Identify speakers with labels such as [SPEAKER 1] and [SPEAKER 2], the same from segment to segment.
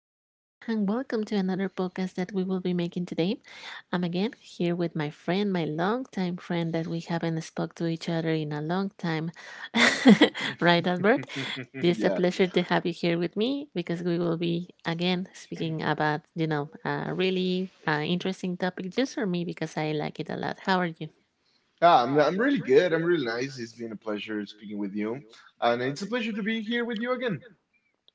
[SPEAKER 1] Hello, and welcome to another podcast that we will be making today. I'm again here with my friend, my longtime friend that we haven't spoke to each other in a long time. right, Albert? It's a
[SPEAKER 2] Yeah.
[SPEAKER 1] pleasure to have you here with me because we will be again speaking about, you know, a really interesting topic just for me because I like it a lot. How are you?
[SPEAKER 2] Ah, I'm really good. I'm really nice. It's been a pleasure speaking with you. And it's a pleasure to be here with you again.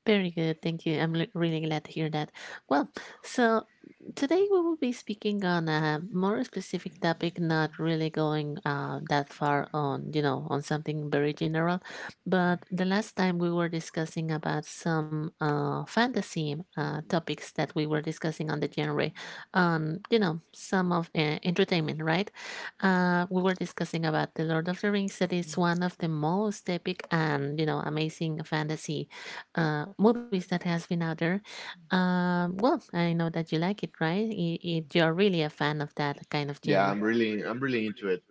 [SPEAKER 1] Very good. Thank you. Really glad to hear that. Well, so today we will be speaking on a more specific topic, not really going that far on, you know, on something very general. But the last time we were discussing about some fantasy topics that we were discussing on the genre, on, you know, some of entertainment, right? We were discussing about The Lord of the Rings, that is one of the most epic and, you know, amazing fantasy movies that has been out there. Well, I know that you like it, right? You're really a fan of that kind of
[SPEAKER 2] Yeah,
[SPEAKER 1] genre.
[SPEAKER 2] I'm really into it.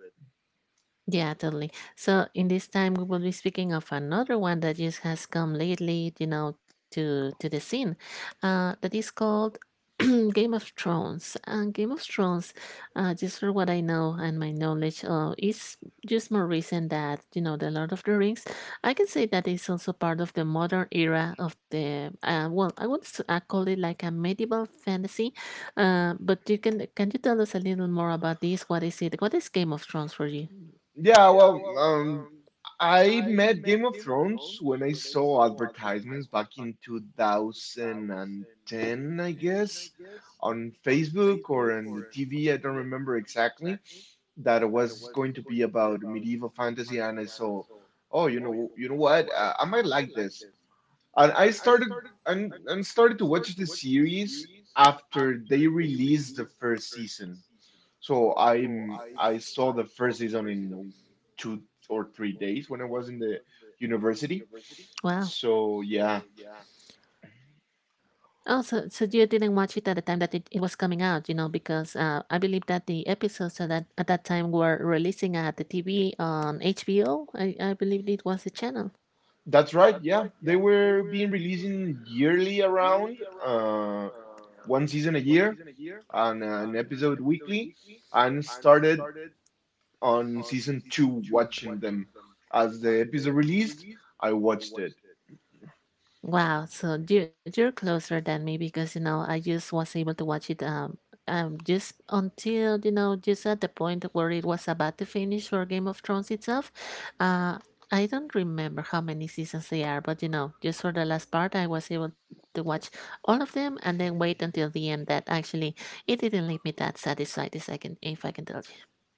[SPEAKER 1] Yeah, totally. So in this time, we will be speaking of another one that just has come lately, you know, to the scene. That is called Game of Thrones. And Game of Thrones, just for what I know and my knowledge, is just more recent that you know the Lord of the Rings. I can say that it's also part of the modern era of the. Well, I call it like a medieval fantasy. But you can you tell us a little more about this? What is it? What is Game of Thrones for you?
[SPEAKER 2] Yeah, well, I met Game of Thrones when I saw advertisements back in 2010, I guess, on Facebook or on the TV, I don't remember exactly, that it was going to be about medieval fantasy and I saw, oh, you know what? I might like this. And I started and started to watch the series after they released the first season. So I saw the first season in 2 or 3 days when I was in the university. So
[SPEAKER 1] Wow.
[SPEAKER 2] yeah,
[SPEAKER 1] Oh, so you didn't watch it at the time that it was coming out, you know, because I believe that the episodes at that time were releasing at the TV on HBO. I believe it was the channel.
[SPEAKER 2] that's right. Yeah, they were being releasing yearly around uh one season a year and an episode weekly and started on season two watching them as the episode released. I watched it.
[SPEAKER 1] Wow, so you're closer than me because you know I just was able to watch it just until you know just at the point where it was about to finish for Game of Thrones itself. Uh, I don't remember how many seasons they are, but you know just for the last part I was able to watch all of them and then wait until the end. That actually it didn't leave me that satisfied. If I can tell you,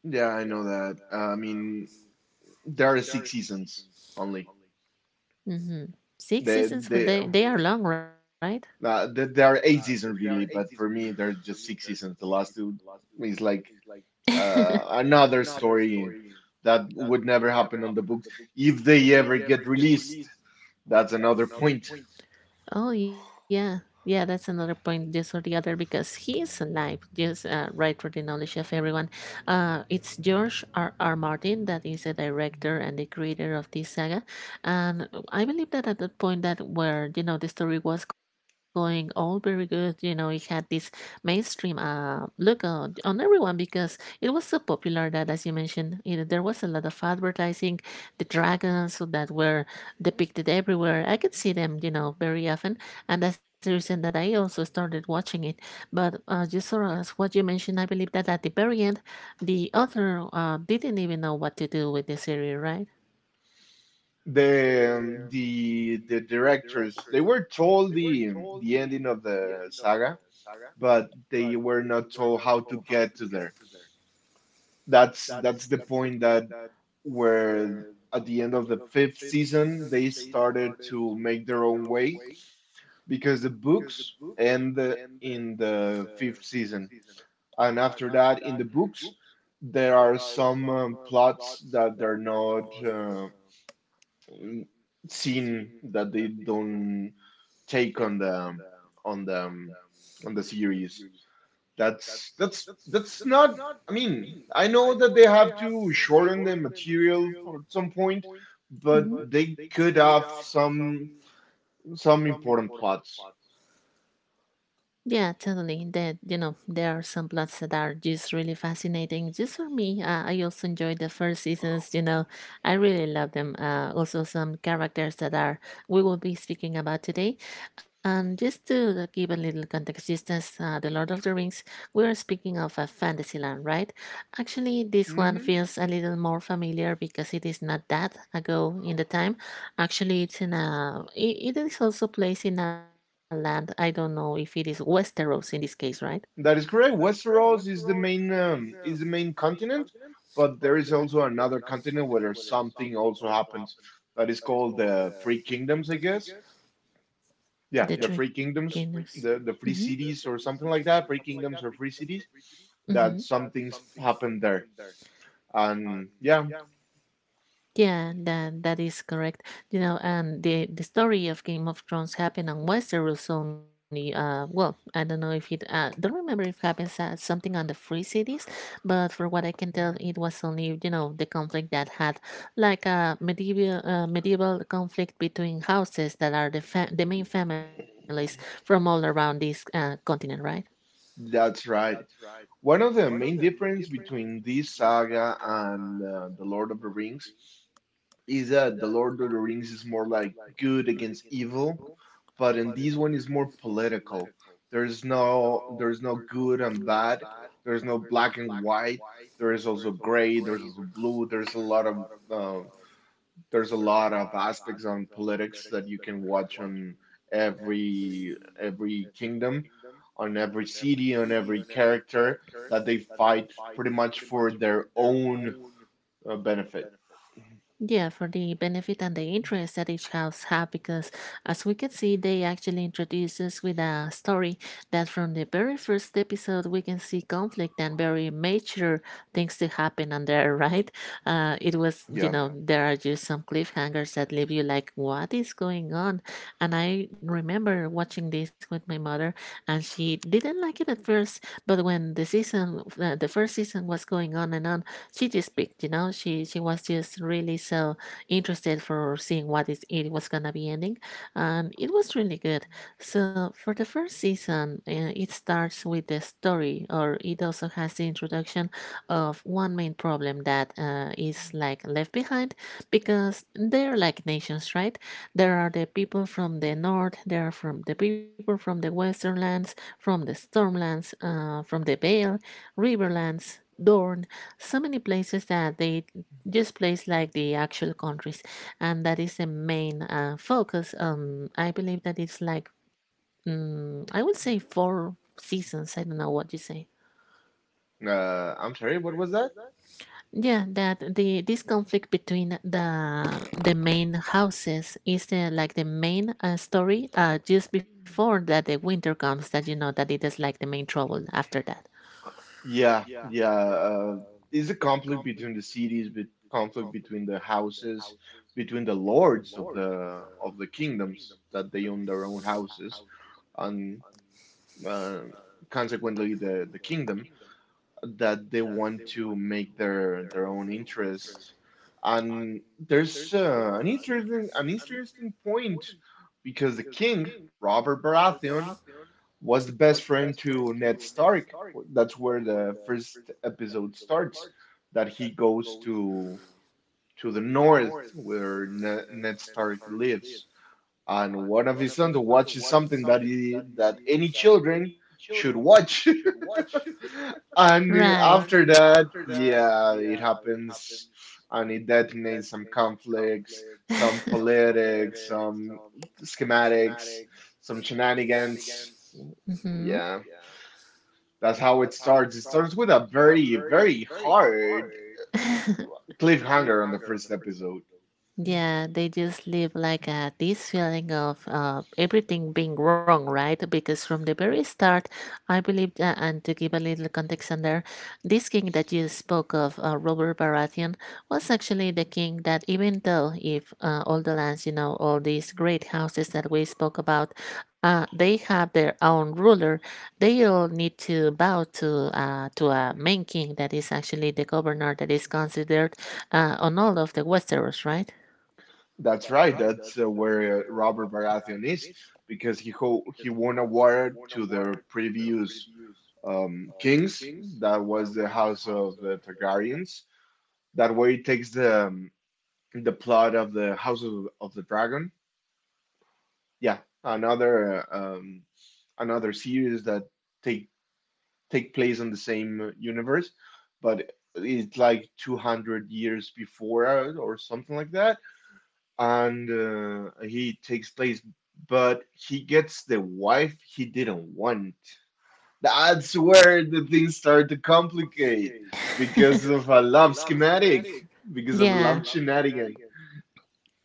[SPEAKER 2] Yeah, I know that. I mean, there are six seasons only.
[SPEAKER 1] mm-hmm. Six seasons, but
[SPEAKER 2] They
[SPEAKER 1] they are long, right?
[SPEAKER 2] there there are eight seasons really, but for me, there are just six seasons. The last two is like another story that would never happen on the books if they ever get released. That's another point.
[SPEAKER 1] Oh yeah, yeah. That's another point, just or the other, because he is alive. Just right for the knowledge of everyone. It's George R. R. Martin that is the director and the creator of this saga, and I believe that at the point that where you know the story was going all very good, you know, it had this mainstream look on everyone because it was so popular that, as you mentioned, it, there was a lot of advertising, the dragons that were depicted everywhere. I could see them, you know, very often, and that's the reason that I also started watching it. But just sort of as what you mentioned, I believe that at the very end, the author didn't even know what to do with the series, right?
[SPEAKER 2] The directors, they were told the ending of the saga, but they were not told how to get to there. That's the point that where at the end of the fifth season they started to make their own way because the books end in the fifth season, and after that in the books there are some plots that they're not seen, that they don't take on the on the on the series. That's not. I mean, I know that they have to shorten the material for at some point, but
[SPEAKER 1] Hmm.
[SPEAKER 2] they could have some important plots.
[SPEAKER 1] Yeah, totally. That you know, there are some plots that are just really fascinating. Just for me, I also enjoyed the first seasons. You know, I really love them. Also, some characters that are we will be speaking about today. And just to give a little context, just as the Lord of the Rings, we are speaking of a fantasy land, right? Actually, this one
[SPEAKER 2] Hmm
[SPEAKER 1] feels a little more familiar because it is not that ago in the time. Actually, it's in a. It is also placed in a land. I don't know if it is Westeros in this case, right?
[SPEAKER 2] That is correct. Westeros is the main continent, but there is also another continent where there's something also happens, that is called the Free Kingdoms, I guess. Yeah,
[SPEAKER 1] The
[SPEAKER 2] the
[SPEAKER 1] Three
[SPEAKER 2] Free
[SPEAKER 1] Kingdoms.
[SPEAKER 2] Kingdoms, the Free Cities or something like that. Free Kingdoms or Free Cities.
[SPEAKER 1] Mm-hmm.
[SPEAKER 2] That some things happen there. And yeah,
[SPEAKER 1] Yeah, that that is correct. You know, and the story of Game of Thrones happened on Westeros only. Well, I don't know if it. Don't remember if happens at something on the Free Cities, but for what I can tell, it was only you know the conflict that had like a medieval medieval conflict between houses that are the main families from all around this continent, right?
[SPEAKER 2] that's right. One of the main difference between this saga and The Lord of the Rings is that The Lord of the Rings is more like good against evil, but in this one is more political. There's no good and bad. There's no black and white. There is also gray. There's also blue. Um there's a lot of aspects on politics that you can watch on every kingdom, on every city, on every character, that they fight pretty much for their own benefit.
[SPEAKER 1] Yeah, for the benefit and the interest that each house have, because as we can see, they actually introduce us with a story that from the very first episode we can see conflict and very major things to happen on there, right? It was, you
[SPEAKER 2] Yeah.
[SPEAKER 1] know, there are just some cliffhangers that leave you like, what is going on? And I remember watching this with my mother, and she didn't like it at first, but when the season, the first season was going on and on she just picked, you know, she was just really so interested for seeing what is it was gonna be ending, and it was really good. So for the first season, it starts with the story, or it also has the introduction of one main problem that is like left behind because they're like nations, right? There are the people from the north, there are from the people from the western lands, from the stormlands, from the Vale, riverlands, Dorne, so many places that they just place like the actual countries and that is the main focus. Um, I believe that it's like mm, I would say four seasons. I don't know what you say.
[SPEAKER 2] I'm sorry, what was that?
[SPEAKER 1] Yeah, that the this conflict between the main houses is the like the main story just before that the winter comes that you know that it is like the main trouble after that.
[SPEAKER 2] Yeah, yeah. Is a conflict between the cities, but conflict between the houses, between the lords of the kingdoms that they own their own houses, and uh, consequently the kingdom that they want to make their own interest. And there's an interesting point because the king, Robert Baratheon, was the best friend to Ned Stark. That's where the first episode starts, that he goes to the north where Ned Stark lives. And one of his sons watches something that that any children should watch. And
[SPEAKER 1] Right.
[SPEAKER 2] after that, yeah, it happens and it detonates some conflicts, some politics, some schematics, some shenanigans. Yeah, that's how it starts. It starts with a very, very hard
[SPEAKER 1] Hmm.
[SPEAKER 2] cliffhanger on the first episode.
[SPEAKER 1] Yeah, they just live like this feeling of everything being wrong, right? Because from the very start, I believed, and to give a little context on there, this king that you spoke of, Robert Baratheon, was actually the king that, even though if all the lands, you know, all these great houses that we spoke about, they have their own ruler, they all need to bow to a main king that is actually the governor that is considered on all of the Westeros, right?
[SPEAKER 2] That's right, that's where Robert Baratheon is because he won a war to the previous kings. That was the House of the Targaryens. That way, it takes the plot of the House of the Dragon. Yeah, another another series that take take place in the same universe, but it's like 200 years before or something like that, and he takes place, but he gets the wife he didn't want. That's where the things start to complicate because of a love schematic, because of a love shenanigan.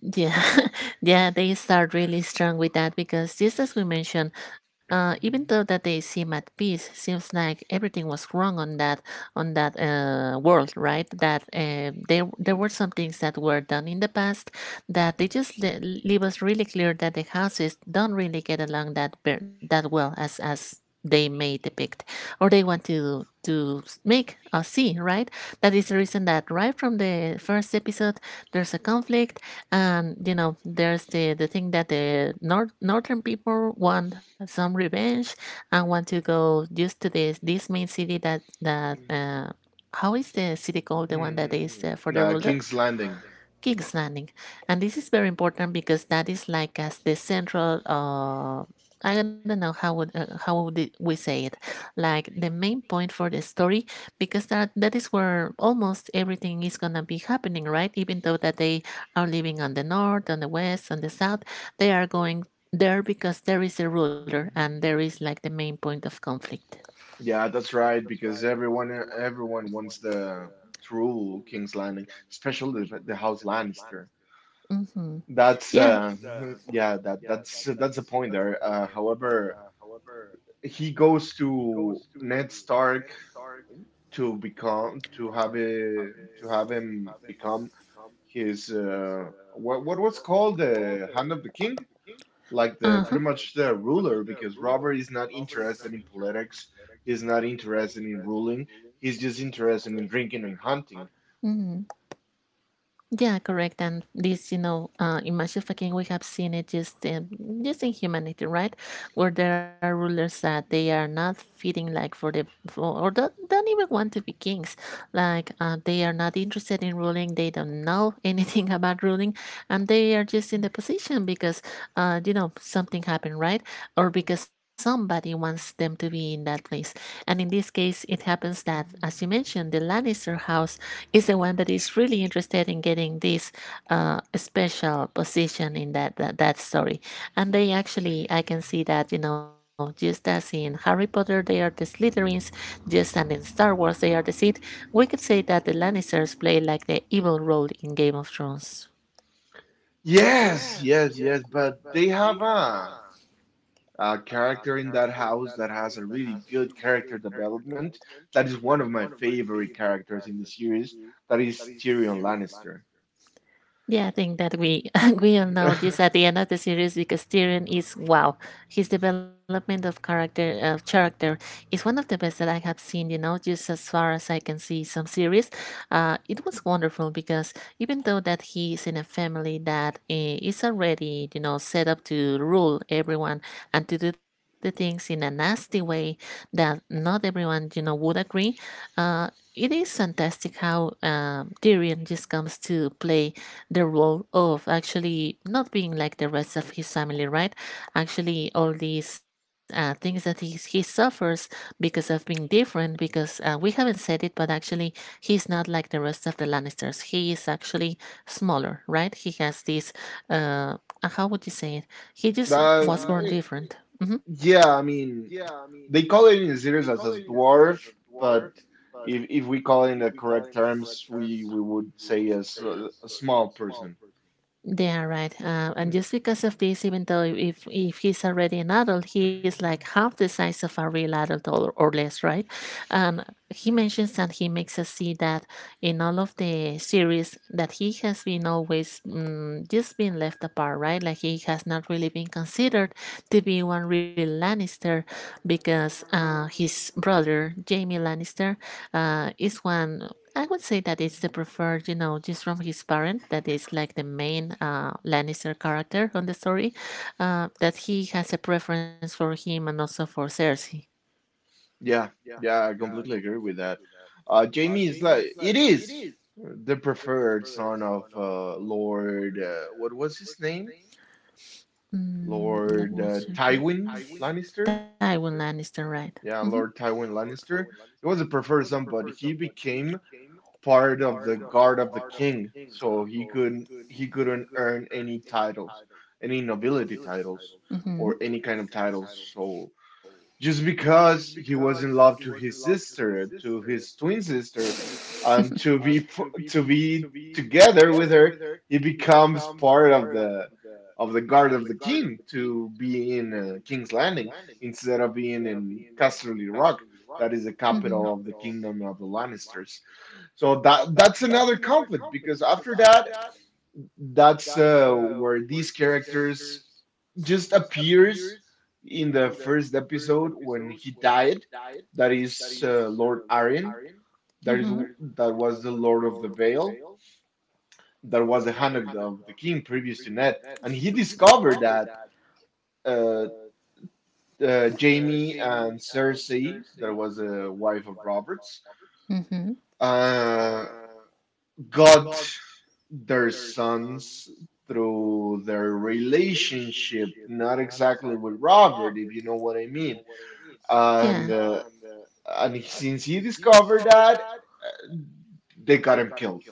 [SPEAKER 1] Yeah, yeah, they start really strong with that because just as we mentioned, even though that they seem at peace, seems like everything was wrong on that on that world, right? That there were some things that were done in the past that they just leave us really clear that the houses don't really get along that that well as they may depict or they want to to make us see, right? That is the reason that right from the first episode there's a conflict and you know there's the thing that the north northern people want some revenge and want to go just to this main city that how is the city called the one that is
[SPEAKER 2] Hmm.
[SPEAKER 1] for the ruler.
[SPEAKER 2] King's Landing.
[SPEAKER 1] King's Landing. And this is very important because that is like as the central I don't know how would we say it, like the main point for the story, because that is where almost everything is gonna be happening, right? Even though that they are living on the north, on the west, on the south. They are going there because there is a ruler and there is like the main point of conflict.
[SPEAKER 2] Yeah, that's right, because everyone wants the true King's Landing, especially the House Lannister.
[SPEAKER 1] Hmm.
[SPEAKER 2] That's
[SPEAKER 1] Yeah.
[SPEAKER 2] uh. yeah, that's a point there. However, he goes to Ned Stark to become to have a to have him become his, uh, what was called the Hand of the King? Like
[SPEAKER 1] Uh
[SPEAKER 2] the
[SPEAKER 1] huh.
[SPEAKER 2] pretty much the ruler because Robert is not interested in politics, he's not interested in ruling, he's just interested in drinking and hunting.
[SPEAKER 1] Hmm. Yeah, correct. And this, you know, in massive fucking, we have seen it just in humanity, right? Where there are rulers that they are not fitting, like for the, for, or don't even want to be kings. Like they are not interested in ruling. They don't know anything about ruling, and they are just in the position because, you know, something happened, right? Or because somebody wants them to be in that place. And in this case, it happens that, as you
[SPEAKER 2] Mm-hmm.
[SPEAKER 1] mentioned, the Lannister house is the one that is really interested in getting this special position in that, that story. And they actually, I can see that you know, just as in Harry Potter, they are the Slytherins, just as in Star Wars, they are the Sith. We could say that the Lannisters play like the evil role in Game of Thrones.
[SPEAKER 2] Yes, yes, yes, but they have a character in that house that has a really good character development. That is one of my favorite characters in the series. That is Tyrion Lannister.
[SPEAKER 1] Yeah, I think that we we all know this at the end of the series because Tyrion is wow. His development of character is one of the best that I have seen. You know, just as far as I can see some series, it was wonderful because even though that he is in a family that is already, you know, set up to rule everyone and to do the things in a nasty way that not everyone, you know, would agree. Uh, it is fantastic how Tyrion just comes to play the role of actually not being like the rest of his family, right? Actually, all these things that he suffers because of being different, because we haven't said it, but actually, he's not like the rest of the Lannisters. He is actually smaller, right? He has this, uh, how would you say it? He just
[SPEAKER 2] That.
[SPEAKER 1] was born different. Mhm.
[SPEAKER 2] Yeah, I mean, they call it in the series as a dwarf, but if we call it in the correct terms, we would say as a small person.
[SPEAKER 1] They are right, and
[SPEAKER 2] Mm.
[SPEAKER 1] just because of this, even though if he's already an adult, he is like half the size of a real adult, or less, right? And he mentions and he makes us see that in all of the series that he has been always just been left apart, right? Like he has not really been considered to be one real Lannister because his brother Jaime Lannister is one. I would say that it's the preferred, you know, just from his parent, that is like the main Lannister character on the story, that he has a preference for him and also for Cersei.
[SPEAKER 2] Yeah, yeah, I completely agree with that. Jamie is like it is the preferred son of Lord. What was his name?
[SPEAKER 1] Mm, let
[SPEAKER 2] Lord
[SPEAKER 1] me check it.
[SPEAKER 2] Tywin Lannister.
[SPEAKER 1] Tywin Lannister, right? Mm-hmm.
[SPEAKER 2] Yeah, Lord Tywin Lannister. He was a preferred son, but he became part of the guard of the king, so he couldn't earn any titles, any nobility titles,
[SPEAKER 1] Mm-hmm.
[SPEAKER 2] or any kind of titles. So just because he was in love to his sister, to his twin sister,
[SPEAKER 1] Is
[SPEAKER 2] and to be together with her, he becomes part of the guard of the king to be in King's Landing instead of being in Casterly Rock, that is the
[SPEAKER 1] the mm-hmm.
[SPEAKER 2] capital of the kingdom of the Lannisters. So that's another conflict because after that, that's where these characters just appears in the first episode when he died. That is Lord Arryn. That is
[SPEAKER 1] Mm-hmm.
[SPEAKER 2] that was the Lord of the Vale. That was the hand of of the king previous to Ned, and he discovered that uh, Jamie and Cersei, that was a wife of Roberts,
[SPEAKER 1] Robert. Hmm.
[SPEAKER 2] uh, got their sons through their relationship, not exactly with Robert, if you know what I mean.
[SPEAKER 1] Yeah.
[SPEAKER 2] And uh, and since he discovered that, they got him killed.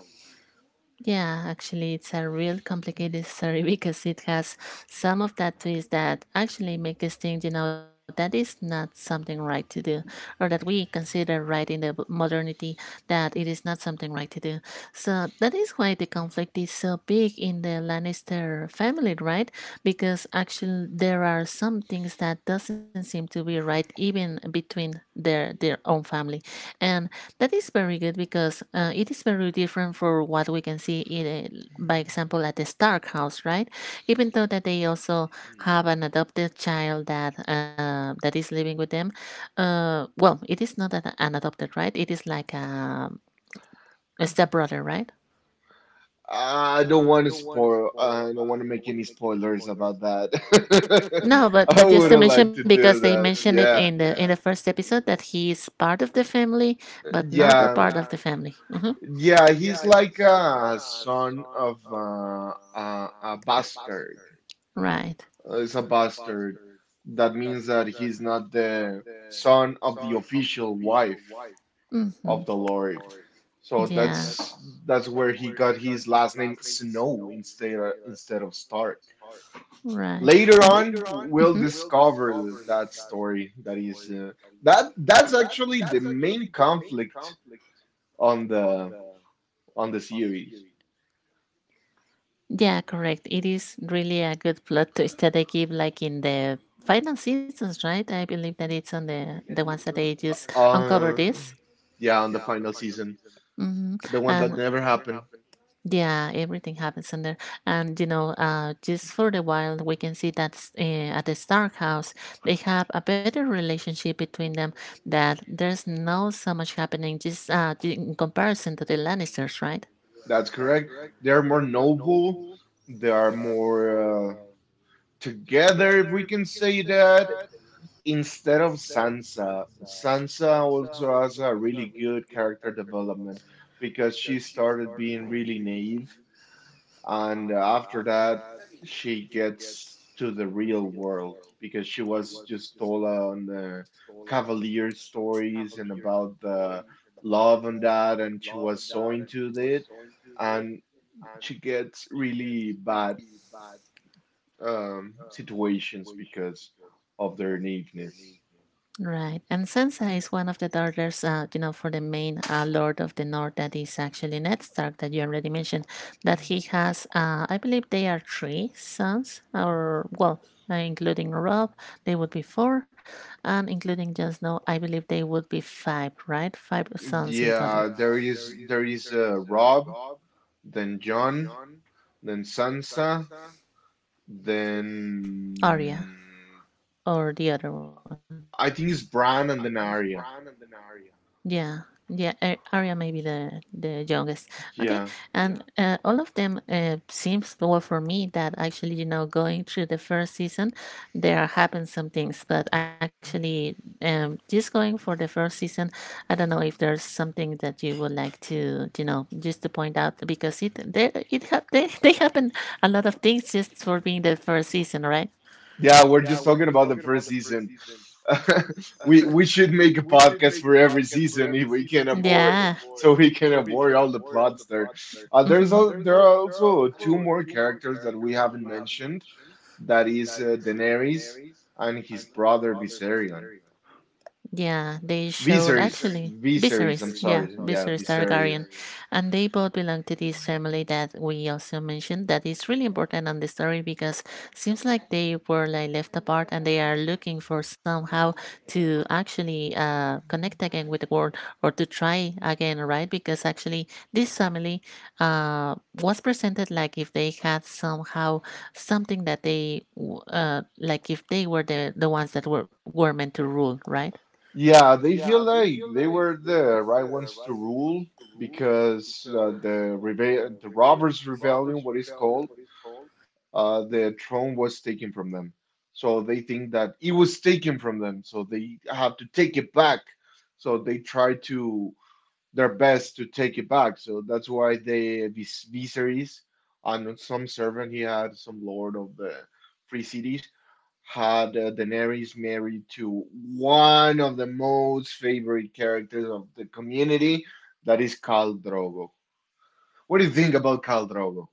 [SPEAKER 1] Yeah, actually, it's a real complicated story because it has some of that twist that actually make us think, you know, that is not something right to do, or that we consider right in the b- modernity, that it is not something right to do. So that is why the conflict is so big in the Lannister family, right? Because actually there are some things that doesn't seem to be right even between their own family, and that is very good because it is very different for what we can see in, a- by example, at the Stark house, right? Even though that they also have an adopted child that that is living with them. Well, it is not that an adopted, right? It is like a stepbrother, right?
[SPEAKER 2] I don't want to spoil. I don't want to make any spoilers about that.
[SPEAKER 1] No,
[SPEAKER 2] I
[SPEAKER 1] but just to
[SPEAKER 2] wouldn't
[SPEAKER 1] mention
[SPEAKER 2] like to
[SPEAKER 1] because they
[SPEAKER 2] do that.
[SPEAKER 1] mentioned it
[SPEAKER 2] Yeah,
[SPEAKER 1] in the first episode that he is part of the family, but not a
[SPEAKER 2] yeah,
[SPEAKER 1] part of the family. Hmm.
[SPEAKER 2] yeah. He's like a son of a bastard,
[SPEAKER 1] Right.
[SPEAKER 2] is a bastard. That means that he's not the son of the official wife
[SPEAKER 1] Hmm.
[SPEAKER 2] of the Lord. So
[SPEAKER 1] Yeah.
[SPEAKER 2] that's where he got his last name Snow instead instead of Stark.
[SPEAKER 1] Right,
[SPEAKER 2] Later
[SPEAKER 1] and
[SPEAKER 2] on, we'll
[SPEAKER 1] mhm.
[SPEAKER 2] discover that story. That is that's actually the main conflict on the on the series.
[SPEAKER 1] Yeah, correct. It is really a good plot twist that they give, like in the final seasons, right? I believe that it's on the I the ones that remember they just uncover
[SPEAKER 2] Uh,
[SPEAKER 1] this.
[SPEAKER 2] yeah, on the final season,
[SPEAKER 1] Hmm. Oh,
[SPEAKER 2] the one that
[SPEAKER 1] and
[SPEAKER 2] never happened.
[SPEAKER 1] yeah, everything happens in there. And you know, just for the while, we can see that s- eh, at the Stark house, they have a better relationship between them. That there's not so much happening, just in comparison to the Lannisters, right?
[SPEAKER 2] That's correct. They're more noble. They are more together, if we can say that, instead of Sansa. Sansa also has a really good character development because she started being really naive, and after that, she gets to the real world because she was just told on the Cavalier stories and about the love and that, and she was so into it and she gets really bad situations because of their naiveness.
[SPEAKER 1] Right, and Sansa is one of the daughters, you know, for the main Lord of the North that is actually Ned Stark that you already mentioned. That he has, I believe they are three sons, or well, including Rob, they would be four, and including Jon Snow, I believe they would be five, right? Five sons in total.
[SPEAKER 2] Yeah, there is Rob, then John, then Sansa,
[SPEAKER 1] Arya
[SPEAKER 2] then
[SPEAKER 1] or the other one.
[SPEAKER 2] I think it's Bran and then Arya.
[SPEAKER 1] Yeah, yeah, A- Arya may be the youngest. Okay,
[SPEAKER 2] Yeah,
[SPEAKER 1] yeah, and all of them seems well for me that actually, you know, going through the first season, there happened some things, but actually just going for the first season, I don't know if there's something that you would like to, you know, just to point out because it they it hap they they happen a lot of things just for being the first season, right?
[SPEAKER 2] yeah, we're just talking about the first season. We should make a podcast for every season if we can avoid,
[SPEAKER 1] Yeah,
[SPEAKER 2] so we can avoid all the plots there. There are also two more characters that we haven't mentioned. That is Daenerys and his brother Viserion.
[SPEAKER 1] yeah, they showed
[SPEAKER 2] Viserys,
[SPEAKER 1] actually
[SPEAKER 2] Viserys. I'm
[SPEAKER 1] yeah,
[SPEAKER 2] sorry. Yeah,
[SPEAKER 1] Viserys
[SPEAKER 2] Viserys.
[SPEAKER 1] Targaryen. And they both belong to this family that we also mentioned that is really important on the story because seems like they were like left apart and they are looking for somehow to actually connect again with the world or to try again, right? Because actually this family, uh, was presented like if they had somehow something that they w- like if they were the ones that were meant to rule, right?
[SPEAKER 2] Yeah, they feel like they were the right ones to rule because the Robbers Rebellion, what it's called, the throne was taken from them. So they think that it was taken from them, so they have to take it back. So they try to their best to take it back. So that's why they Viserys and some servant he had, some lord of the free cities, had Daenerys married to one of the most favorite characters of the community, that is Khal Drogo. What do you think about Khal Drogo?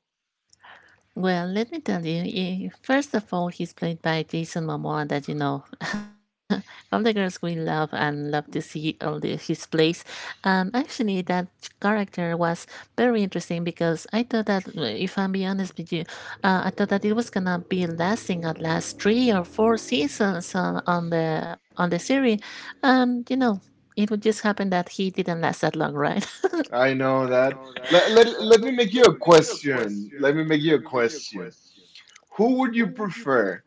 [SPEAKER 1] Well, let me tell you, eh, first of all, he's played by Jason Momoa, that, you know, all the girls we love and love to see all the, his plays. And actually, that character was very interesting because I thought that, if I'm being honest with you, I thought that it was gonna be lasting at last three or four seasons on the series. And, you know, it would just happen that he didn't last that long, right?
[SPEAKER 2] I know that. Let me make you a question. Let me make you a question. Who would you prefer,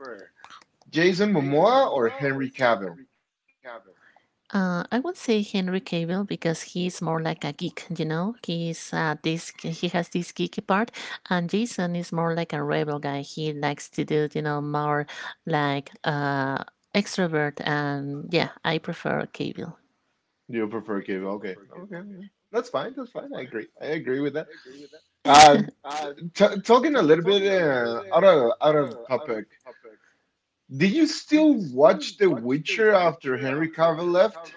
[SPEAKER 2] Jason Momoa or Henry Cavill?
[SPEAKER 1] I would say Henry Cavill because he's more like a geek, you know. He's this he has this geeky part, and Jason is more like a rebel guy. He likes to do, you know, more like extrovert, and yeah, I prefer Cavill.
[SPEAKER 2] You prefer Cavill? Okay, okay, okay. That's fine. That's fine. I agree. I agree with that. Uh, t talking a little bit out of topic. Did you still watch The Witcher after Henry Cavill left?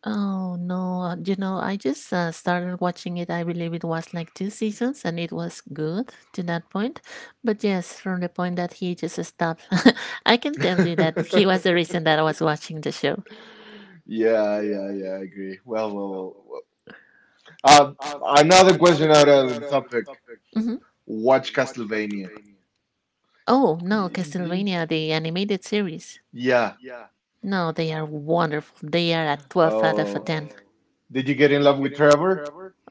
[SPEAKER 1] Oh no, you know, I just started watching it. I believe it was like two seasons and it was good to that point. But yes, from the point that he just stopped, I can tell you that he was the reason that I was watching the show.
[SPEAKER 2] Yeah, yeah, yeah. I agree. Well, well, well. Well. Another question out of the topic.
[SPEAKER 1] Hmm.
[SPEAKER 2] Watch Castlevania.
[SPEAKER 1] Oh, no,
[SPEAKER 2] Y- y-
[SPEAKER 1] Castlevania, the animated series.
[SPEAKER 2] Yeah.
[SPEAKER 1] No, they are wonderful. They are a 12 out of a
[SPEAKER 2] Oh,
[SPEAKER 1] 10.
[SPEAKER 2] did you get in love with Trevor?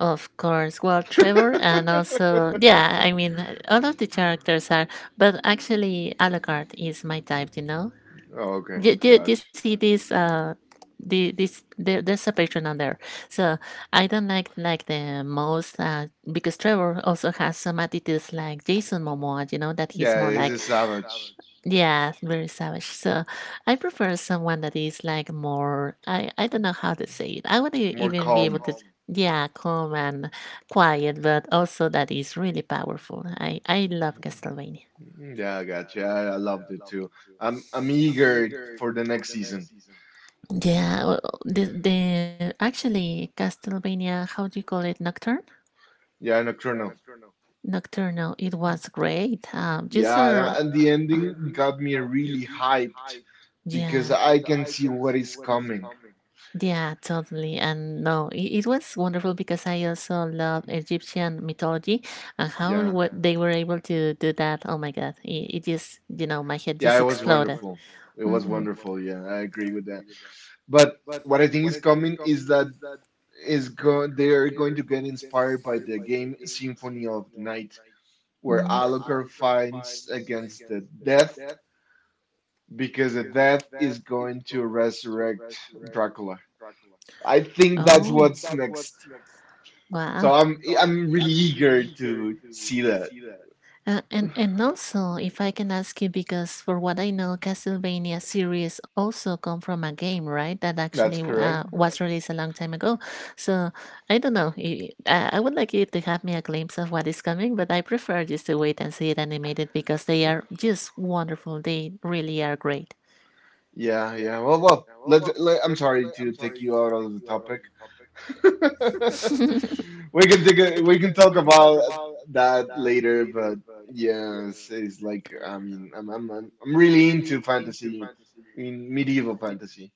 [SPEAKER 1] Oh, of course. Well, Trevor and also, yeah, I mean, all of the characters are, but actually, Alucard is my type, you know?
[SPEAKER 2] Oh, okay,
[SPEAKER 1] Do you, you
[SPEAKER 2] gotcha.
[SPEAKER 1] see this, the, this there's a patron on there, so I don't like the most because Trevor also has some attitudes like Jason Momoa, you know, that he's
[SPEAKER 2] Yeah,
[SPEAKER 1] more
[SPEAKER 2] he's
[SPEAKER 1] like
[SPEAKER 2] a savage,
[SPEAKER 1] yeah, very savage. So I prefer someone that is like more, I don't know how to say it. I would e-
[SPEAKER 2] more
[SPEAKER 1] even be able
[SPEAKER 2] calm.
[SPEAKER 1] to yeah, calm and quiet, but also that is really powerful. I love Castlevania.
[SPEAKER 2] Mm, yeah, gotcha. I loved it too. I'm eager for the next season.
[SPEAKER 1] Yeah, well, the actually Castlevania, how do you call it? Nocturne?
[SPEAKER 2] Yeah, Nocturnal.
[SPEAKER 1] Nocturnal. It was great. Just
[SPEAKER 2] Yeah, tha- and the ending got me really hyped because
[SPEAKER 1] yeah.
[SPEAKER 2] I can see what is coming.
[SPEAKER 1] Yeah, totally. And no, it was wonderful because I also love Egyptian mythology and how
[SPEAKER 2] Yeah,
[SPEAKER 1] w- they were able to do that. Oh my God. It just, you know, my head
[SPEAKER 2] yeah, it
[SPEAKER 1] just
[SPEAKER 2] was
[SPEAKER 1] exploded.
[SPEAKER 2] wonderful. It was
[SPEAKER 1] Mm-hmm.
[SPEAKER 2] wonderful. Yeah, I agree with that.
[SPEAKER 1] That.
[SPEAKER 2] But what I think is coming is they are going to get inspired by the game Symphony of the Night, where
[SPEAKER 1] Mm.
[SPEAKER 2] Alucard fights against the death because the death is going to resurrect Dracula. I
[SPEAKER 1] I
[SPEAKER 2] think that's what's
[SPEAKER 1] oh,
[SPEAKER 2] next.
[SPEAKER 1] wow.
[SPEAKER 2] So I'm really eager to see that.
[SPEAKER 1] And also, if I can ask you, because for what I know, Castlevania series also come from a game, right? That actually
[SPEAKER 2] That's correct.
[SPEAKER 1] was released a long time ago. So I don't know. I, I would like you to have me a glimpse of what is coming, but I prefer just to wait and see it animated because they are just wonderful. They really are great.
[SPEAKER 2] Yeah, yeah. Well, I'm sorry to take you out of the topic. We can we can talk about that later, but yeah, it's like I mean, I'm really into fantasy, in medieval fantasy.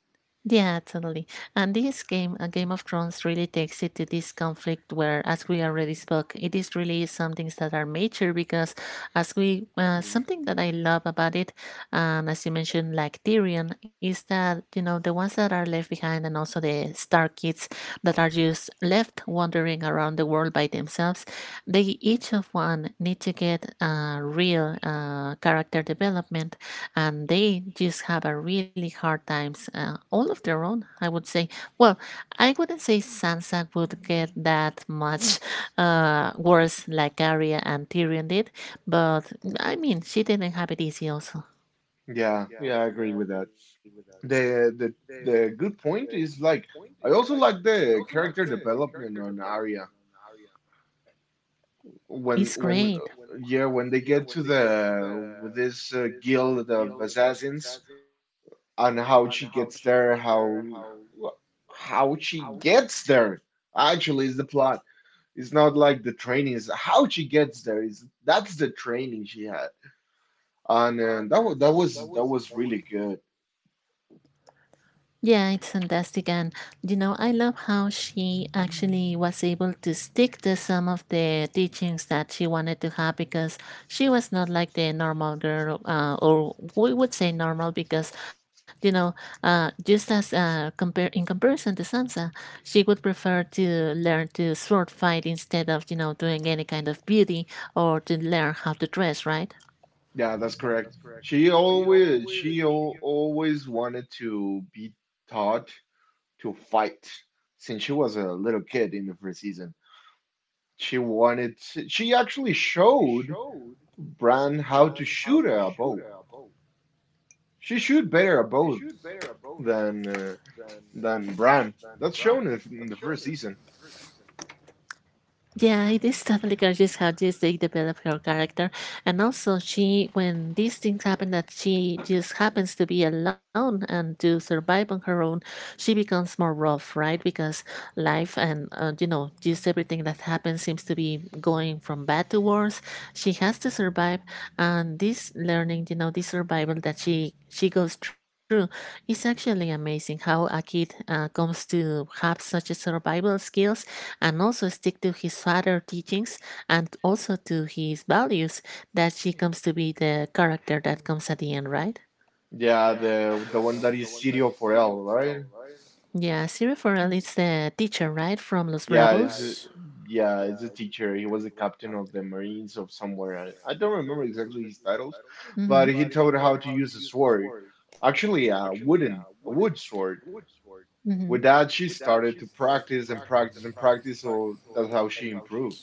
[SPEAKER 1] Yeah, totally. And this game, Game of Thrones, really takes it to this conflict where, as we already spoke, it is really some things that are major because, as we,
[SPEAKER 2] Mm.
[SPEAKER 1] something that I love about it, and as you mentioned, like Tyrion, is that, you know, the ones that are left behind and also the Stark kids that are just left wandering around the world by themselves, they each of one need to get real character development, and they just have a really hard times all of their own, I would say. Well, I wouldn't say Sansa would get that much worse like Arya and Tyrion did, but I mean she didn't have it easy also.
[SPEAKER 2] Yeah, yeah, I agree with that. The the good point is like I also like the character development on Arya when
[SPEAKER 1] It's
[SPEAKER 2] when
[SPEAKER 1] great.
[SPEAKER 2] uh, yeah when they get to the with this guild of assassins on how she gets there, how she gets there actually is the plot. It's not like the training is how she gets there is that's the training she had. And that was really good.
[SPEAKER 1] Yeah, it's fantastic. And, you know, I love how she actually was able to stick to some of the teachings that she wanted to have because she was not like the normal girl, or we would say normal because, you know, just as compare in comparison to Sansa, she would prefer to learn to sword fight instead of, you know, doing any kind of beauty or to learn how to dress, right?
[SPEAKER 2] Yeah, that's correct. She always she al always wanted to be taught to fight since she was a little kid in the first season. She actually showed Bran how to shoot a bow. She shoot better a bow than uh, than Bran. That's shown in the first season.
[SPEAKER 1] Yeah, it is totally gorgeous how just they develop her character. And also she when these things happen that she just happens to be alone and to survive on her own, she becomes more rough, right? Because life and you know, just everything that happens seems to be going from bad to worse. She has to survive, and this learning, you know, this survival that she goes through is actually amazing how a kid comes to have such a survival skills and also stick to his father teachings and also to his values that she comes to be the character that comes at the end, right?
[SPEAKER 2] Yeah, the one that is Sirio Forel, right?
[SPEAKER 1] Yeah, Cyril Farrell is the teacher, right, from Los
[SPEAKER 2] Yeah, is
[SPEAKER 1] Bravos.
[SPEAKER 2] yeah, is a teacher. He was a captain of the Marines of somewhere. I don't remember exactly his titles,
[SPEAKER 1] Yeah, I...
[SPEAKER 2] but
[SPEAKER 1] Mm-hmm.
[SPEAKER 2] he taught her how to use a sword. Actually, a wood sword.
[SPEAKER 1] Mm-hmm.
[SPEAKER 2] With that, she started to practice and practice and practice. So that's how she improved.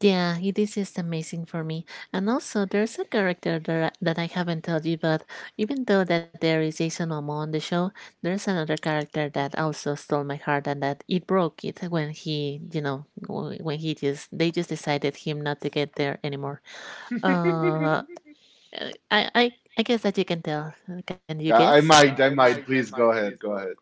[SPEAKER 1] Yeah, it is just amazing for me. And also, there's a character that I haven't told you, but even though that there is Jason Momoa on the show, there's another character that also stole my heart and that it broke it when he, you know, w- when he just, they just decided him not to get there anymore. Uh, I, I, I guess that you can tell. Can you
[SPEAKER 2] I, I
[SPEAKER 1] guess?
[SPEAKER 2] might, I might. Please go ahead, go ahead.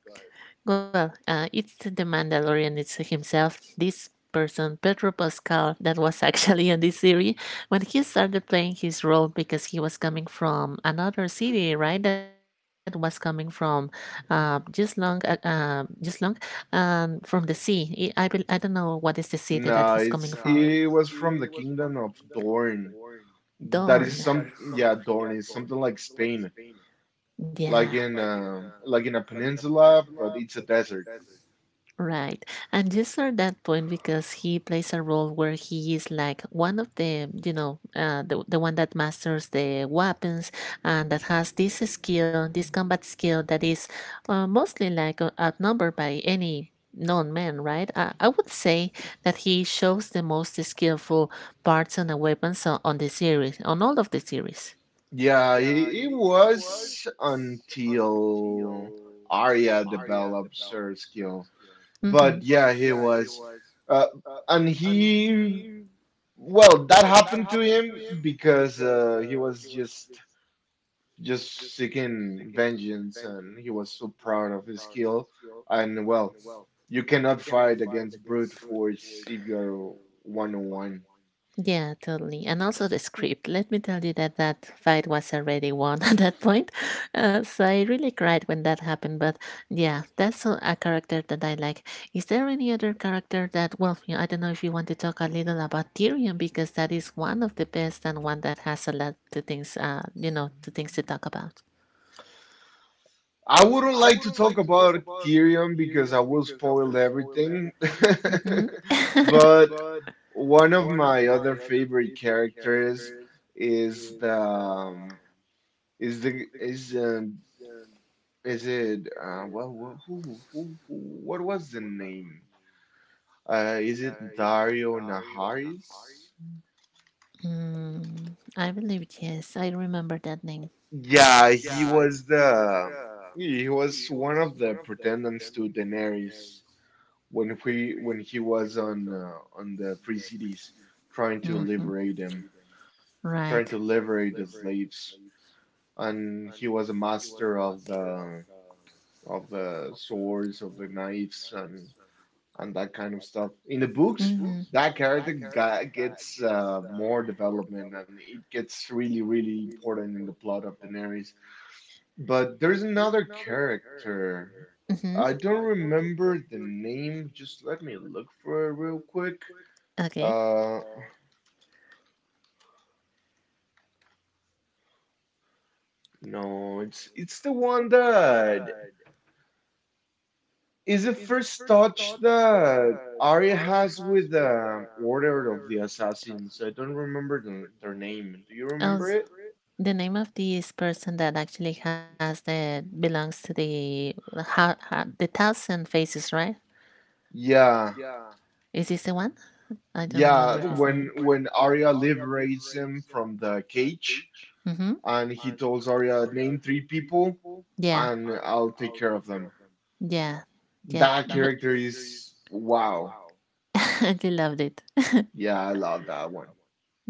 [SPEAKER 1] Well, it's the Mandalorian it's himself. This person, Pedro Pascal, that was actually on this series when he started playing his role because he was coming from another city, right? That was coming from just long, from the sea. I don't know what is the city that he's
[SPEAKER 2] No,
[SPEAKER 1] coming
[SPEAKER 2] it's
[SPEAKER 1] from.
[SPEAKER 2] it was from the Kingdom of Dorne. That is
[SPEAKER 1] Dorn.
[SPEAKER 2] some, yeah, Dorne is something like Spain,
[SPEAKER 1] Yeah.
[SPEAKER 2] like in a peninsula, but it's a desert.
[SPEAKER 1] Right. And you saw that point because he plays a role where he is like one of the, you know, the one that masters the weapons and that has this skill, this combat skill that is mostly like outnumbered by any known man, right? I would say that he shows the most skillful parts on the weapons on the series, on all of the series.
[SPEAKER 2] Yeah, it was until Arya develops her skill.
[SPEAKER 1] Mm-hmm.
[SPEAKER 2] But yeah, he was, uh, and he, well, that happened to him because he was just seeking vengeance, and he was so proud of his skill. And well, you cannot fight against brute force if you're one on one.
[SPEAKER 1] Yeah, totally. And also the script. Let me tell you that that fight was already won at that point. So I really cried when that happened. But yeah, that's a character that I like. Is there any other character that, well, you know, I don't know if you want to talk a little about Tyrion because that is one of the best and one that has a lot to things, to things to talk about.
[SPEAKER 2] I wouldn't like to talk about Tyrion because I will spoil everything.
[SPEAKER 1] Mm-hmm.
[SPEAKER 2] But one of my other favorite characters is the is the is it well who what was the name? Is it Dario Naharis?
[SPEAKER 1] I believe, yes, I remember that name.
[SPEAKER 2] Yeah, he was the he was one of the pretendants to Daenerys when he was on the Free Cities trying to
[SPEAKER 1] Hmm.
[SPEAKER 2] liberate them,
[SPEAKER 1] Right.
[SPEAKER 2] trying to liberate the slaves, and he was a master of the swords, of the knives, and that kind of stuff. In the books,
[SPEAKER 1] Mm-hmm.
[SPEAKER 2] that character gets more development and it gets really, really important in the plot of Daenerys. But there's another character.
[SPEAKER 1] Mm-hmm.
[SPEAKER 2] I don't remember the name. Just let me look for it real quick.
[SPEAKER 1] Okay.
[SPEAKER 2] Uh, no, it's the one that is the first touch that Arya has with Order of the Assassins. I don't remember the, their name. Do you remember
[SPEAKER 1] Else,
[SPEAKER 2] it?
[SPEAKER 1] the name of this person that actually has the belongs to the the thousand faces, right?
[SPEAKER 2] Yeah.
[SPEAKER 1] Is this the one? I don't remember
[SPEAKER 2] Yeah,
[SPEAKER 1] his name.
[SPEAKER 2] when Arya liberates him from the cage
[SPEAKER 1] Mm-hmm.
[SPEAKER 2] and he tells Arya, name three people
[SPEAKER 1] Yeah,
[SPEAKER 2] and I'll take care of them.
[SPEAKER 1] yeah, yeah.
[SPEAKER 2] That character is wow.
[SPEAKER 1] But you loved it.
[SPEAKER 2] Yeah, I love that one.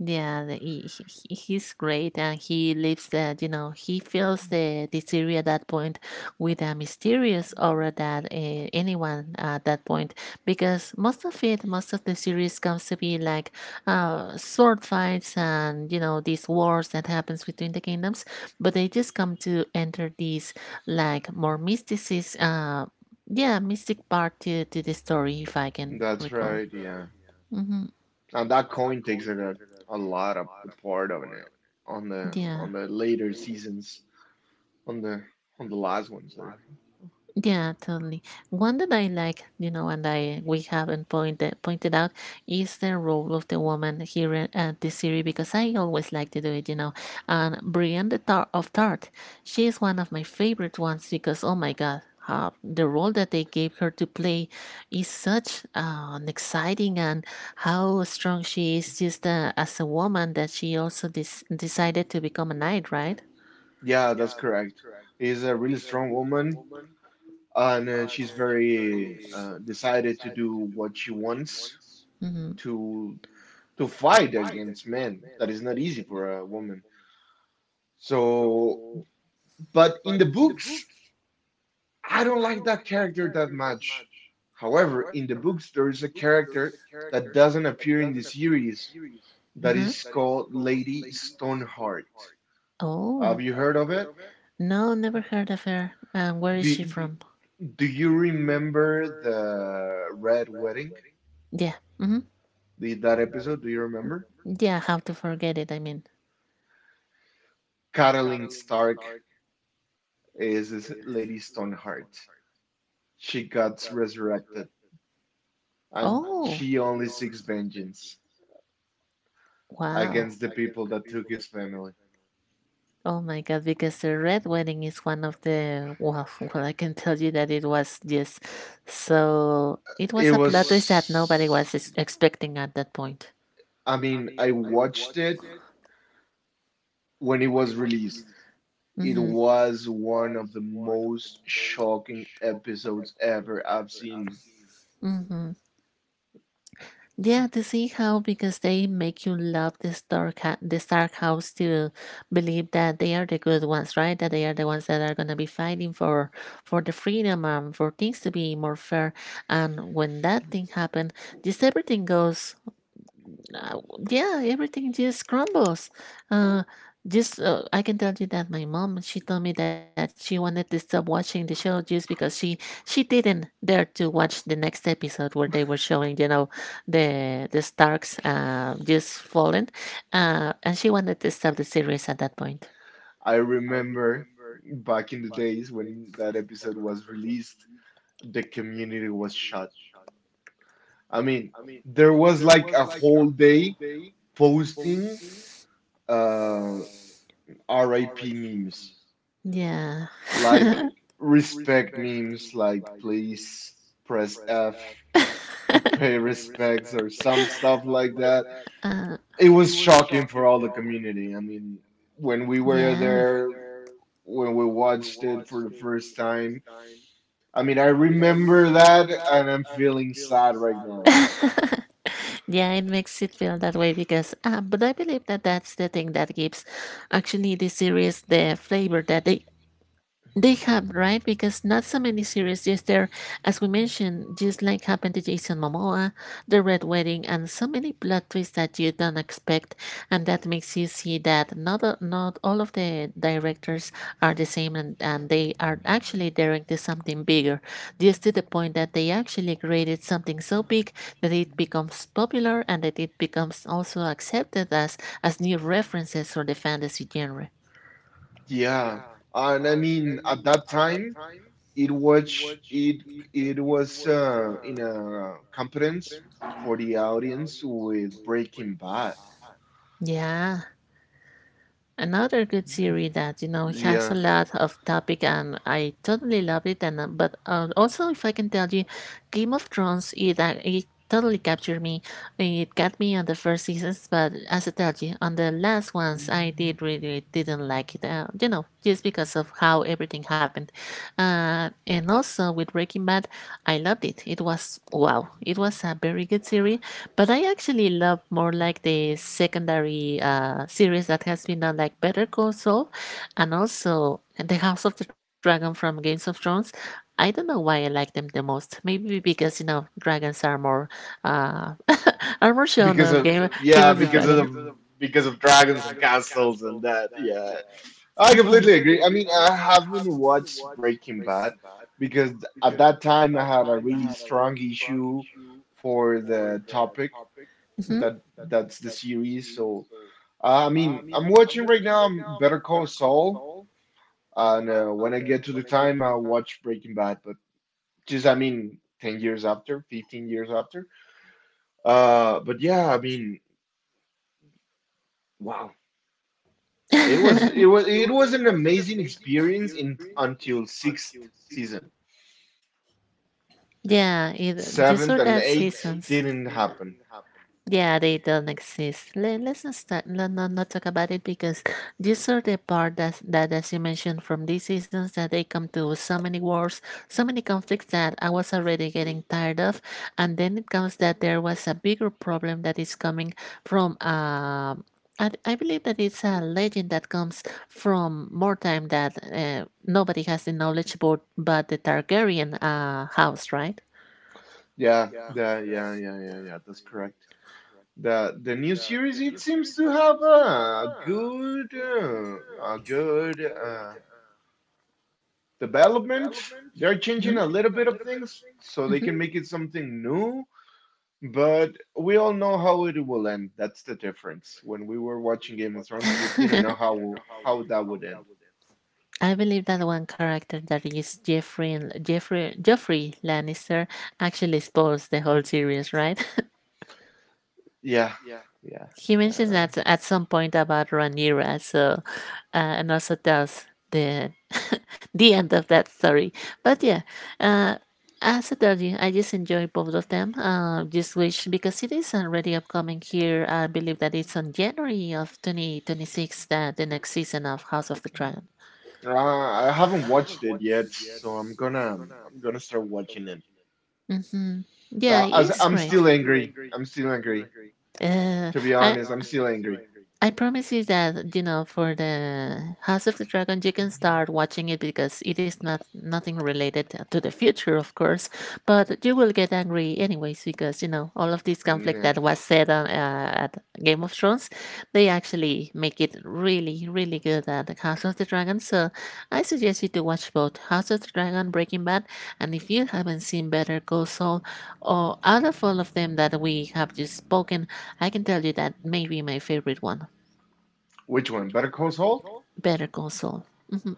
[SPEAKER 1] Yeah, he's great, and he lives that you know he feels the at that point with a mysterious aura that anyone at that point because most of it, most of the series comes to be like sword fights and you know these wars that happens between the kingdoms, but they just come to enter these like more mysticis yeah mystic part to the story if I can
[SPEAKER 2] That's
[SPEAKER 1] recall.
[SPEAKER 2] right, yeah.
[SPEAKER 1] Yeah. Hmm.
[SPEAKER 2] And that coin takes like, a lot of the part of it on the
[SPEAKER 1] Yeah.
[SPEAKER 2] later seasons, on the on the last ones there.
[SPEAKER 1] Yeah, totally. One that I like, you know, and I we haven't pointed out is the role of the woman here in- at the series because I always like to do it, you know. And Brienne the Tar of Tart, she is one of my favorite ones because oh my god, how the role that they gave her to play is such an exciting and how strong she is just as a woman that she also des- decided to become a knight, right?
[SPEAKER 2] Yeah, that's correct. Is a really strong woman and she's very decided to do what she wants
[SPEAKER 1] Mm-hmm.
[SPEAKER 2] to to fight against men. That is not easy for a woman. So, but in the books, I don't like that character that much. However, in the books, there is a character that doesn't appear in the series that
[SPEAKER 1] Uh-huh.
[SPEAKER 2] is called Lady Stoneheart. Have
[SPEAKER 1] Oh,
[SPEAKER 2] you heard of it?
[SPEAKER 1] no, never heard of her. Where is she
[SPEAKER 2] Do,
[SPEAKER 1] from?
[SPEAKER 2] do you remember the Red Wedding?
[SPEAKER 1] Yeah. Mm-hmm. Do
[SPEAKER 2] That episode, do you
[SPEAKER 1] remember?
[SPEAKER 2] remember?
[SPEAKER 1] Yeah, how to forget it, I mean.
[SPEAKER 2] Catelyn Stark is Lady Stoneheart. She got resurrected, and
[SPEAKER 1] Oh,
[SPEAKER 2] she only seeks vengeance
[SPEAKER 1] wow.
[SPEAKER 2] against the people that took his family.
[SPEAKER 1] Oh my God, because the Red Wedding is one of the, well, well, I can tell you that it was just so, it
[SPEAKER 2] It
[SPEAKER 1] was a plot twist that nobody
[SPEAKER 2] was,
[SPEAKER 1] was ex- expecting at that point.
[SPEAKER 2] I mean, I watched it when it was released. It
[SPEAKER 1] Mm-hmm.
[SPEAKER 2] was one of the most shocking episodes ever I've seen.
[SPEAKER 1] Mm-hmm. Yeah, to see how because they make you love the Stark ha- the Stark House to believe that they are the good ones, right? That they are the ones that are gonna be fighting for the freedom and for things to be more fair. And when that thing happened, just everything goes uh, yeah, everything just crumbles. Uh, just I can tell you that my mom she told me that she wanted to stop watching the show just because she didn't dare to watch the next episode where they were showing you know the Starks just fallen, and she wanted to stop the series at that point.
[SPEAKER 2] I remember back in the days when that episode was released, the community was shut. I mean, there was like a whole day posting uh, RIP memes,
[SPEAKER 1] Yeah.
[SPEAKER 2] like respect memes, like please press F to pay respects or some stuff like that.
[SPEAKER 1] uh,
[SPEAKER 2] It was shocking for all the community. I mean, when we were
[SPEAKER 1] yeah.
[SPEAKER 2] there, when we watched it for the first time, I mean, I remember that and I'm feeling sad right now.
[SPEAKER 1] Now. yeah, it makes it feel that way because, but I believe that that's the thing that gives actually the series the flavor that they have, right? Because not so many series just there, as we mentioned, just like happened to Jason Momoa, The Red Wedding, and so many plot twists that you don't expect, and that makes you see that not a- not all of the directors are the same, and they are actually directing something bigger, just to the point that they actually created something so big that it becomes popular and that it becomes also accepted as new references for the fantasy genre.
[SPEAKER 2] Yeah. And I mean, at that time, it was it it was in a conference for the audience with Breaking Bad.
[SPEAKER 1] Yeah. Another good series that you know has a
[SPEAKER 2] Yeah,
[SPEAKER 1] lot of topic and I totally loved it and but also if I can tell you, Game of Thrones it totally captured me. It got me on the first seasons, but as I told you, on the last ones I
[SPEAKER 2] mm.
[SPEAKER 1] did really didn't like it. You know just because of how everything happened, and also with Breaking Bad, I loved it. It was wow! It was a very good series but I actually love more like the secondary series that has been done, like Better Call Saul, and also The House of the Dragon from Games of Thrones. I don't know why I like them the most. Maybe because you know dragons are more uh, are more shown
[SPEAKER 2] Because
[SPEAKER 1] on
[SPEAKER 2] of
[SPEAKER 1] Game
[SPEAKER 2] yeah
[SPEAKER 1] of the Dragon.
[SPEAKER 2] because of dragons and castles and that. Yeah, I completely agree. I mean,
[SPEAKER 1] Hmm.
[SPEAKER 2] I haven't watched Breaking Bad because at that time I had a really strong issue for the topic
[SPEAKER 1] Mhm. It
[SPEAKER 2] that that's the series. So I mean, I'm watching right now Better Call Saul. And when I get to the time, I'll watch Breaking Bad. But just, I mean, 10 years after, 15 years after. But yeah, I mean, wow. It was it was it was an amazing experience in until sixth season.
[SPEAKER 1] Yeah, these
[SPEAKER 2] Seventh
[SPEAKER 1] are
[SPEAKER 2] and
[SPEAKER 1] that
[SPEAKER 2] eighth
[SPEAKER 1] seasons.
[SPEAKER 2] didn't
[SPEAKER 1] Dates they.
[SPEAKER 2] happen.
[SPEAKER 1] Yeah, they don't exist. Let's not start, let, not, not talk about it because these are the part that, as you mentioned, from these seasons that they come to so many wars, so many conflicts that I was already getting tired of. And then it comes that there was a bigger problem that is coming from, I believe that it's a legend that comes from more time that nobody has the knowledge about but the Targaryen house, right?
[SPEAKER 2] Yeah, yeah. That's correct. The new series it seems to have a good development. They're changing a little bit of
[SPEAKER 1] Mhm,
[SPEAKER 2] things so they
[SPEAKER 1] mhm.
[SPEAKER 2] can make it something new, but we all know how it will end. That's the difference. When we were watching Game of Thrones, we didn't
[SPEAKER 1] not
[SPEAKER 2] know how that would end.
[SPEAKER 1] I believe that one character that is Jeffrey Jeffrey Joffrey Lannister actually spoils the whole series, right?
[SPEAKER 2] Yeah, yeah.
[SPEAKER 1] He mentioned
[SPEAKER 2] Uh,
[SPEAKER 1] that at some point about Rhaenyra, so and also tells the the end of that story. But yeah, uh, as I told you, I just enjoy both of them. Just wish because it is already upcoming here. I believe that it's on January of 2026 that the next season of House of the Dragon.
[SPEAKER 2] I haven't watched it yet, so I'm gonna start watching it.
[SPEAKER 1] Mm-hmm. Yeah,
[SPEAKER 2] As
[SPEAKER 1] it's
[SPEAKER 2] I'm
[SPEAKER 1] great.
[SPEAKER 2] still angry. I'm still angry.
[SPEAKER 1] Uh,
[SPEAKER 2] To be
[SPEAKER 1] I
[SPEAKER 2] honest, I'm still angry.
[SPEAKER 1] I promise you that you know for the House of the Dragon you can start watching it because it is not nothing related to the future of course but you will get angry anyways because you know all of this conflict
[SPEAKER 2] Yeah.
[SPEAKER 1] that was said on, at Game of Thrones they actually make it really really good at the House of the Dragon so I suggest you to watch both House of the Dragon Breaking Bad and if you haven't seen Better Call Saul or out of all of them that we have just spoken I can tell you that may be my favorite one,
[SPEAKER 2] Which one? Better Call Saul?
[SPEAKER 1] Better Call Saul. Mhm.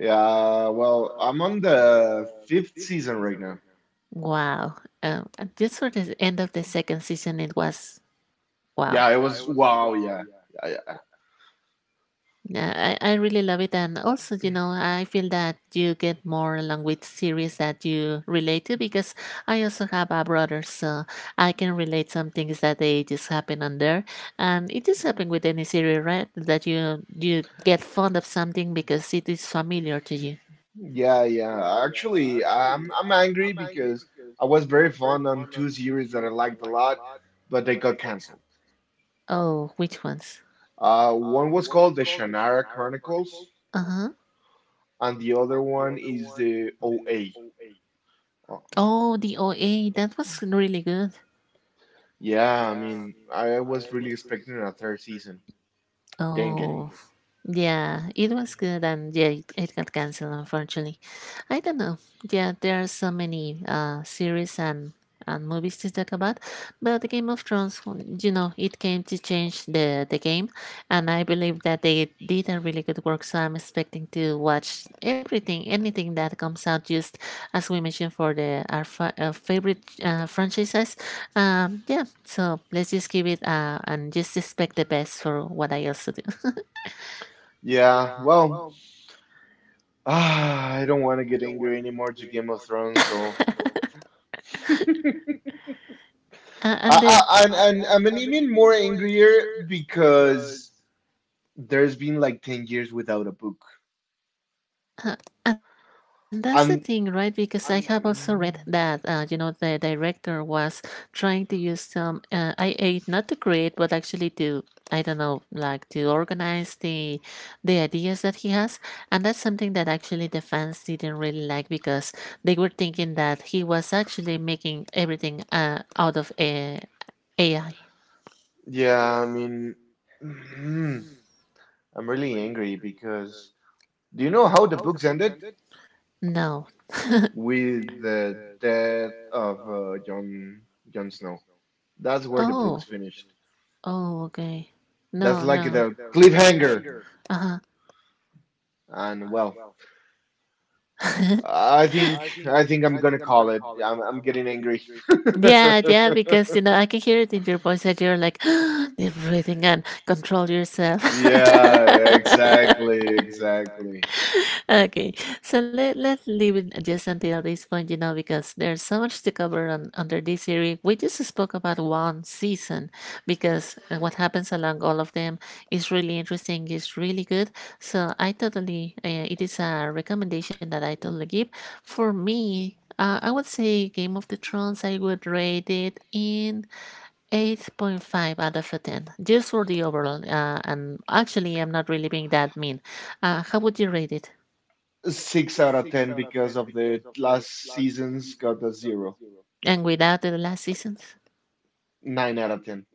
[SPEAKER 2] Yeah, well, I'm on the fifth season right now.
[SPEAKER 1] Wow. Um, just for the end of the second season, it was wow.
[SPEAKER 2] Yeah, it was wow, yeah. Yeah, yeah.
[SPEAKER 1] Yeah, I really love it. And also, you know, I feel that you get more along with series that you relate to because I also have a brother, so I can relate some things that they just happen on there. And it just happened with any series, right? That you get fond of something because it is familiar to you.
[SPEAKER 2] Yeah, yeah. Actually, I'm angry because I was very fond on two series that I liked a lot, but they got canceled.
[SPEAKER 1] Oh, which ones?
[SPEAKER 2] One was called the Shannara Chronicles,
[SPEAKER 1] Uh huh.
[SPEAKER 2] and the other one is the OA. Uh,
[SPEAKER 1] Oh, the OA, that was really good.
[SPEAKER 2] yeah, I mean, I was really expecting a third season.
[SPEAKER 1] Mm.
[SPEAKER 2] Dang it.
[SPEAKER 1] Oh, yeah, it was good, and yeah, it got canceled, unfortunately. I don't know. Yeah, there are so many series and movies to talk about, but the Game of Thrones, w- you know, it came to change the game, and I believe that they did a really good work. So I'm expecting to watch everything, anything that comes out, just as we mentioned for the our fa- favorite franchises. Yeah, so let's just give it and just expect the best for what I also do.
[SPEAKER 2] Yeah, well, ah, I don't want to get angry anymore to Game of Thrones, so
[SPEAKER 1] me
[SPEAKER 2] I,
[SPEAKER 1] and then
[SPEAKER 2] I, and, and I'm an even more angrier because there's been like 10 years without a book.
[SPEAKER 1] Uh, and that's the thing, right?
[SPEAKER 2] And
[SPEAKER 1] Because I have also read that,
[SPEAKER 2] mm,
[SPEAKER 1] you know, the director was trying to use some IA not to create, but actually to, I don't know, like to organize the ideas that he has. And that's something that actually the fans didn't really like because they were thinking that he was actually making everything out of a AI.
[SPEAKER 2] yeah, I mean, mm, I'm really angry because do you know how the books ended?
[SPEAKER 1] No.
[SPEAKER 2] With the death of Jon Snow. That's where the books
[SPEAKER 1] Oh.
[SPEAKER 2] finished.
[SPEAKER 1] Oh. Okay.
[SPEAKER 2] That's
[SPEAKER 1] No.
[SPEAKER 2] like
[SPEAKER 1] No.
[SPEAKER 2] the cliffhanger.
[SPEAKER 1] Uh
[SPEAKER 2] And well,
[SPEAKER 1] huh.
[SPEAKER 2] I think I'm gonna call it. I'm getting angry.
[SPEAKER 1] Yeah, yeah, because you know I can hear it in your voice that you're like deep breathing and control yourself.
[SPEAKER 2] Yeah, exactly, exactly.
[SPEAKER 1] Okay, so let's leave it just until this point, you know, because there's so much to cover on under this series. We just spoke about one season because what happens along all of them is really interesting, is really good. So I totally, it is a recommendation that I totally give. For me, I would say Game of the Thrones. I would rate it in 8.5 out of a 10, just for the overall. And actually, I'm not really being that mean. How would you rate it?
[SPEAKER 2] Six out of ten because of the last season's got a zero.
[SPEAKER 1] And without the last seasons,
[SPEAKER 2] Nine out of ten.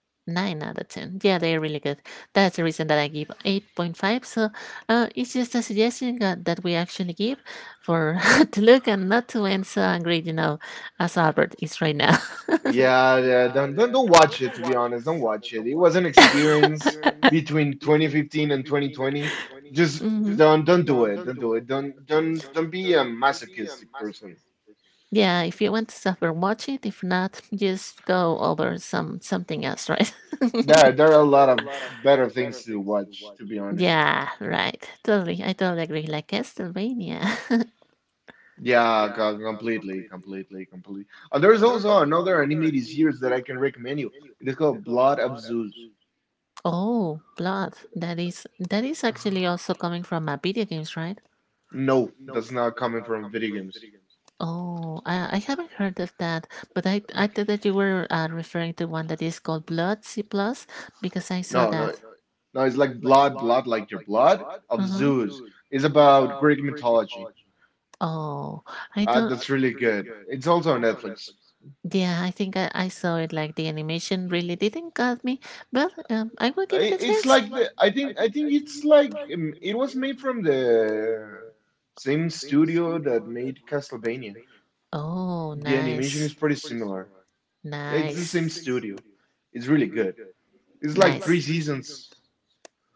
[SPEAKER 1] 9 out of 10. Yeah, they're really good. That's the reason that I give 8.5. So it's just a suggestion that we actually give for to look and not to end so angry, you know, as Albert is right now.
[SPEAKER 2] Yeah, yeah, don't don't watch it to be honest. Don't watch it. It was an experience between 2015 and 2020. Just
[SPEAKER 1] hmm.
[SPEAKER 2] don't do it. Don't do it. Don't don't be a masochistic person.
[SPEAKER 1] Yeah, if you want to suffer, watch it. If not, just go over something else, right?
[SPEAKER 2] There are a lot of better things to watch, to be honest.
[SPEAKER 1] Yeah, right. Totally. I totally agree. Like Castlevania.
[SPEAKER 2] Yeah, completely. There's also another anime this year that I can recommend you. It is called Blood of Zeus.
[SPEAKER 1] Oh, blood. That is actually also coming from a video games, right?
[SPEAKER 2] No, that's not coming from video games.
[SPEAKER 1] Oh, I haven't heard of that, but I thought that you were referring to one that is called Blood C plus because I saw
[SPEAKER 2] No,
[SPEAKER 1] that.
[SPEAKER 2] No. It's like blood, like your blood of
[SPEAKER 1] Mm-hmm.
[SPEAKER 2] Zeus. It's about Greek mythology.
[SPEAKER 1] Oh, I don't.
[SPEAKER 2] That's really good. It's also on Netflix.
[SPEAKER 1] Yeah, I think I saw it. Like the animation really didn't cut me, but I will give it
[SPEAKER 2] I-
[SPEAKER 1] a
[SPEAKER 2] It's
[SPEAKER 1] chance.
[SPEAKER 2] like the I think it's like it was made from the same studio that made Castlevania.
[SPEAKER 1] Oh,
[SPEAKER 2] The animation is
[SPEAKER 1] nice,
[SPEAKER 2] pretty similar. Yeah, it's the same
[SPEAKER 1] nice,
[SPEAKER 2] studio. It's really good. It's like three
[SPEAKER 1] nice.
[SPEAKER 2] seasons,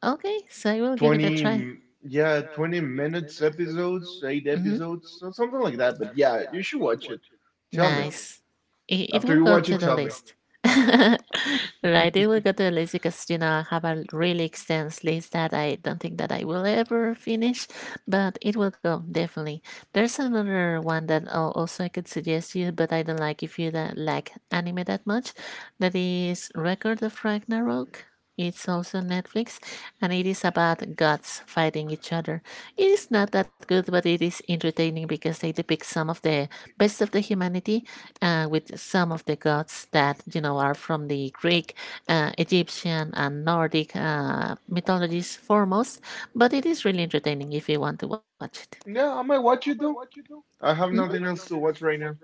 [SPEAKER 1] Okay, so I will give it a try.
[SPEAKER 2] 20, yeah, 20 minutes episodes, eight
[SPEAKER 1] Mm-hmm.
[SPEAKER 2] episodes, so something like that. But yeah, you should watch it. Tell me.
[SPEAKER 1] Nice. It
[SPEAKER 2] After
[SPEAKER 1] will
[SPEAKER 2] you
[SPEAKER 1] go
[SPEAKER 2] watch
[SPEAKER 1] to
[SPEAKER 2] it,
[SPEAKER 1] the
[SPEAKER 2] tell me.
[SPEAKER 1] list. Right, it will go to the list because you know I have a really extensive list that I don't think that I will ever finish, but it will go definitely. There's another one that also I could suggest you, but I don't like if you don't like anime that much. That is Record of Ragnarok. It's also Netflix, and it is about gods fighting each other. It is not that good, but it is entertaining because they depict some of the best of the humanity with some of the gods that you know are from the Greek, Egyptian, and Nordic mythologies foremost. But it is really entertaining if you want to watch it.
[SPEAKER 2] Yeah, I might watch it though. I
[SPEAKER 1] Mhm.
[SPEAKER 2] have nothing else to watch right now.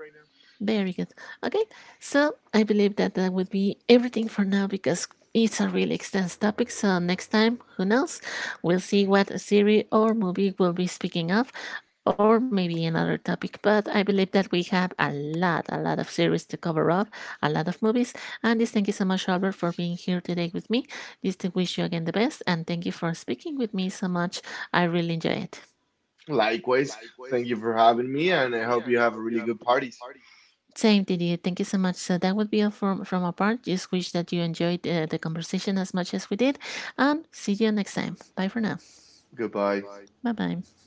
[SPEAKER 1] Very good. Okay, so I believe that that would be everything for now because it's a really extensive topic. So next time, who knows? We'll see what series or movie we'll be speaking of, or maybe another topic. But I believe that we have a lot of series to cover up, a lot of movies. And this thank you so much, Albert, for being here today with me. This to wish you again the best, and thank you for speaking with me so much. I really enjoy it.
[SPEAKER 2] Likewise, thank you for having me, and I hope you have really good parties.
[SPEAKER 1] Same to you. Thank you so much. So that would be all from our part. Just wish that you enjoyed the conversation as much as we did, and see you next time. Bye for now.
[SPEAKER 2] Goodbye.
[SPEAKER 1] Bye bye.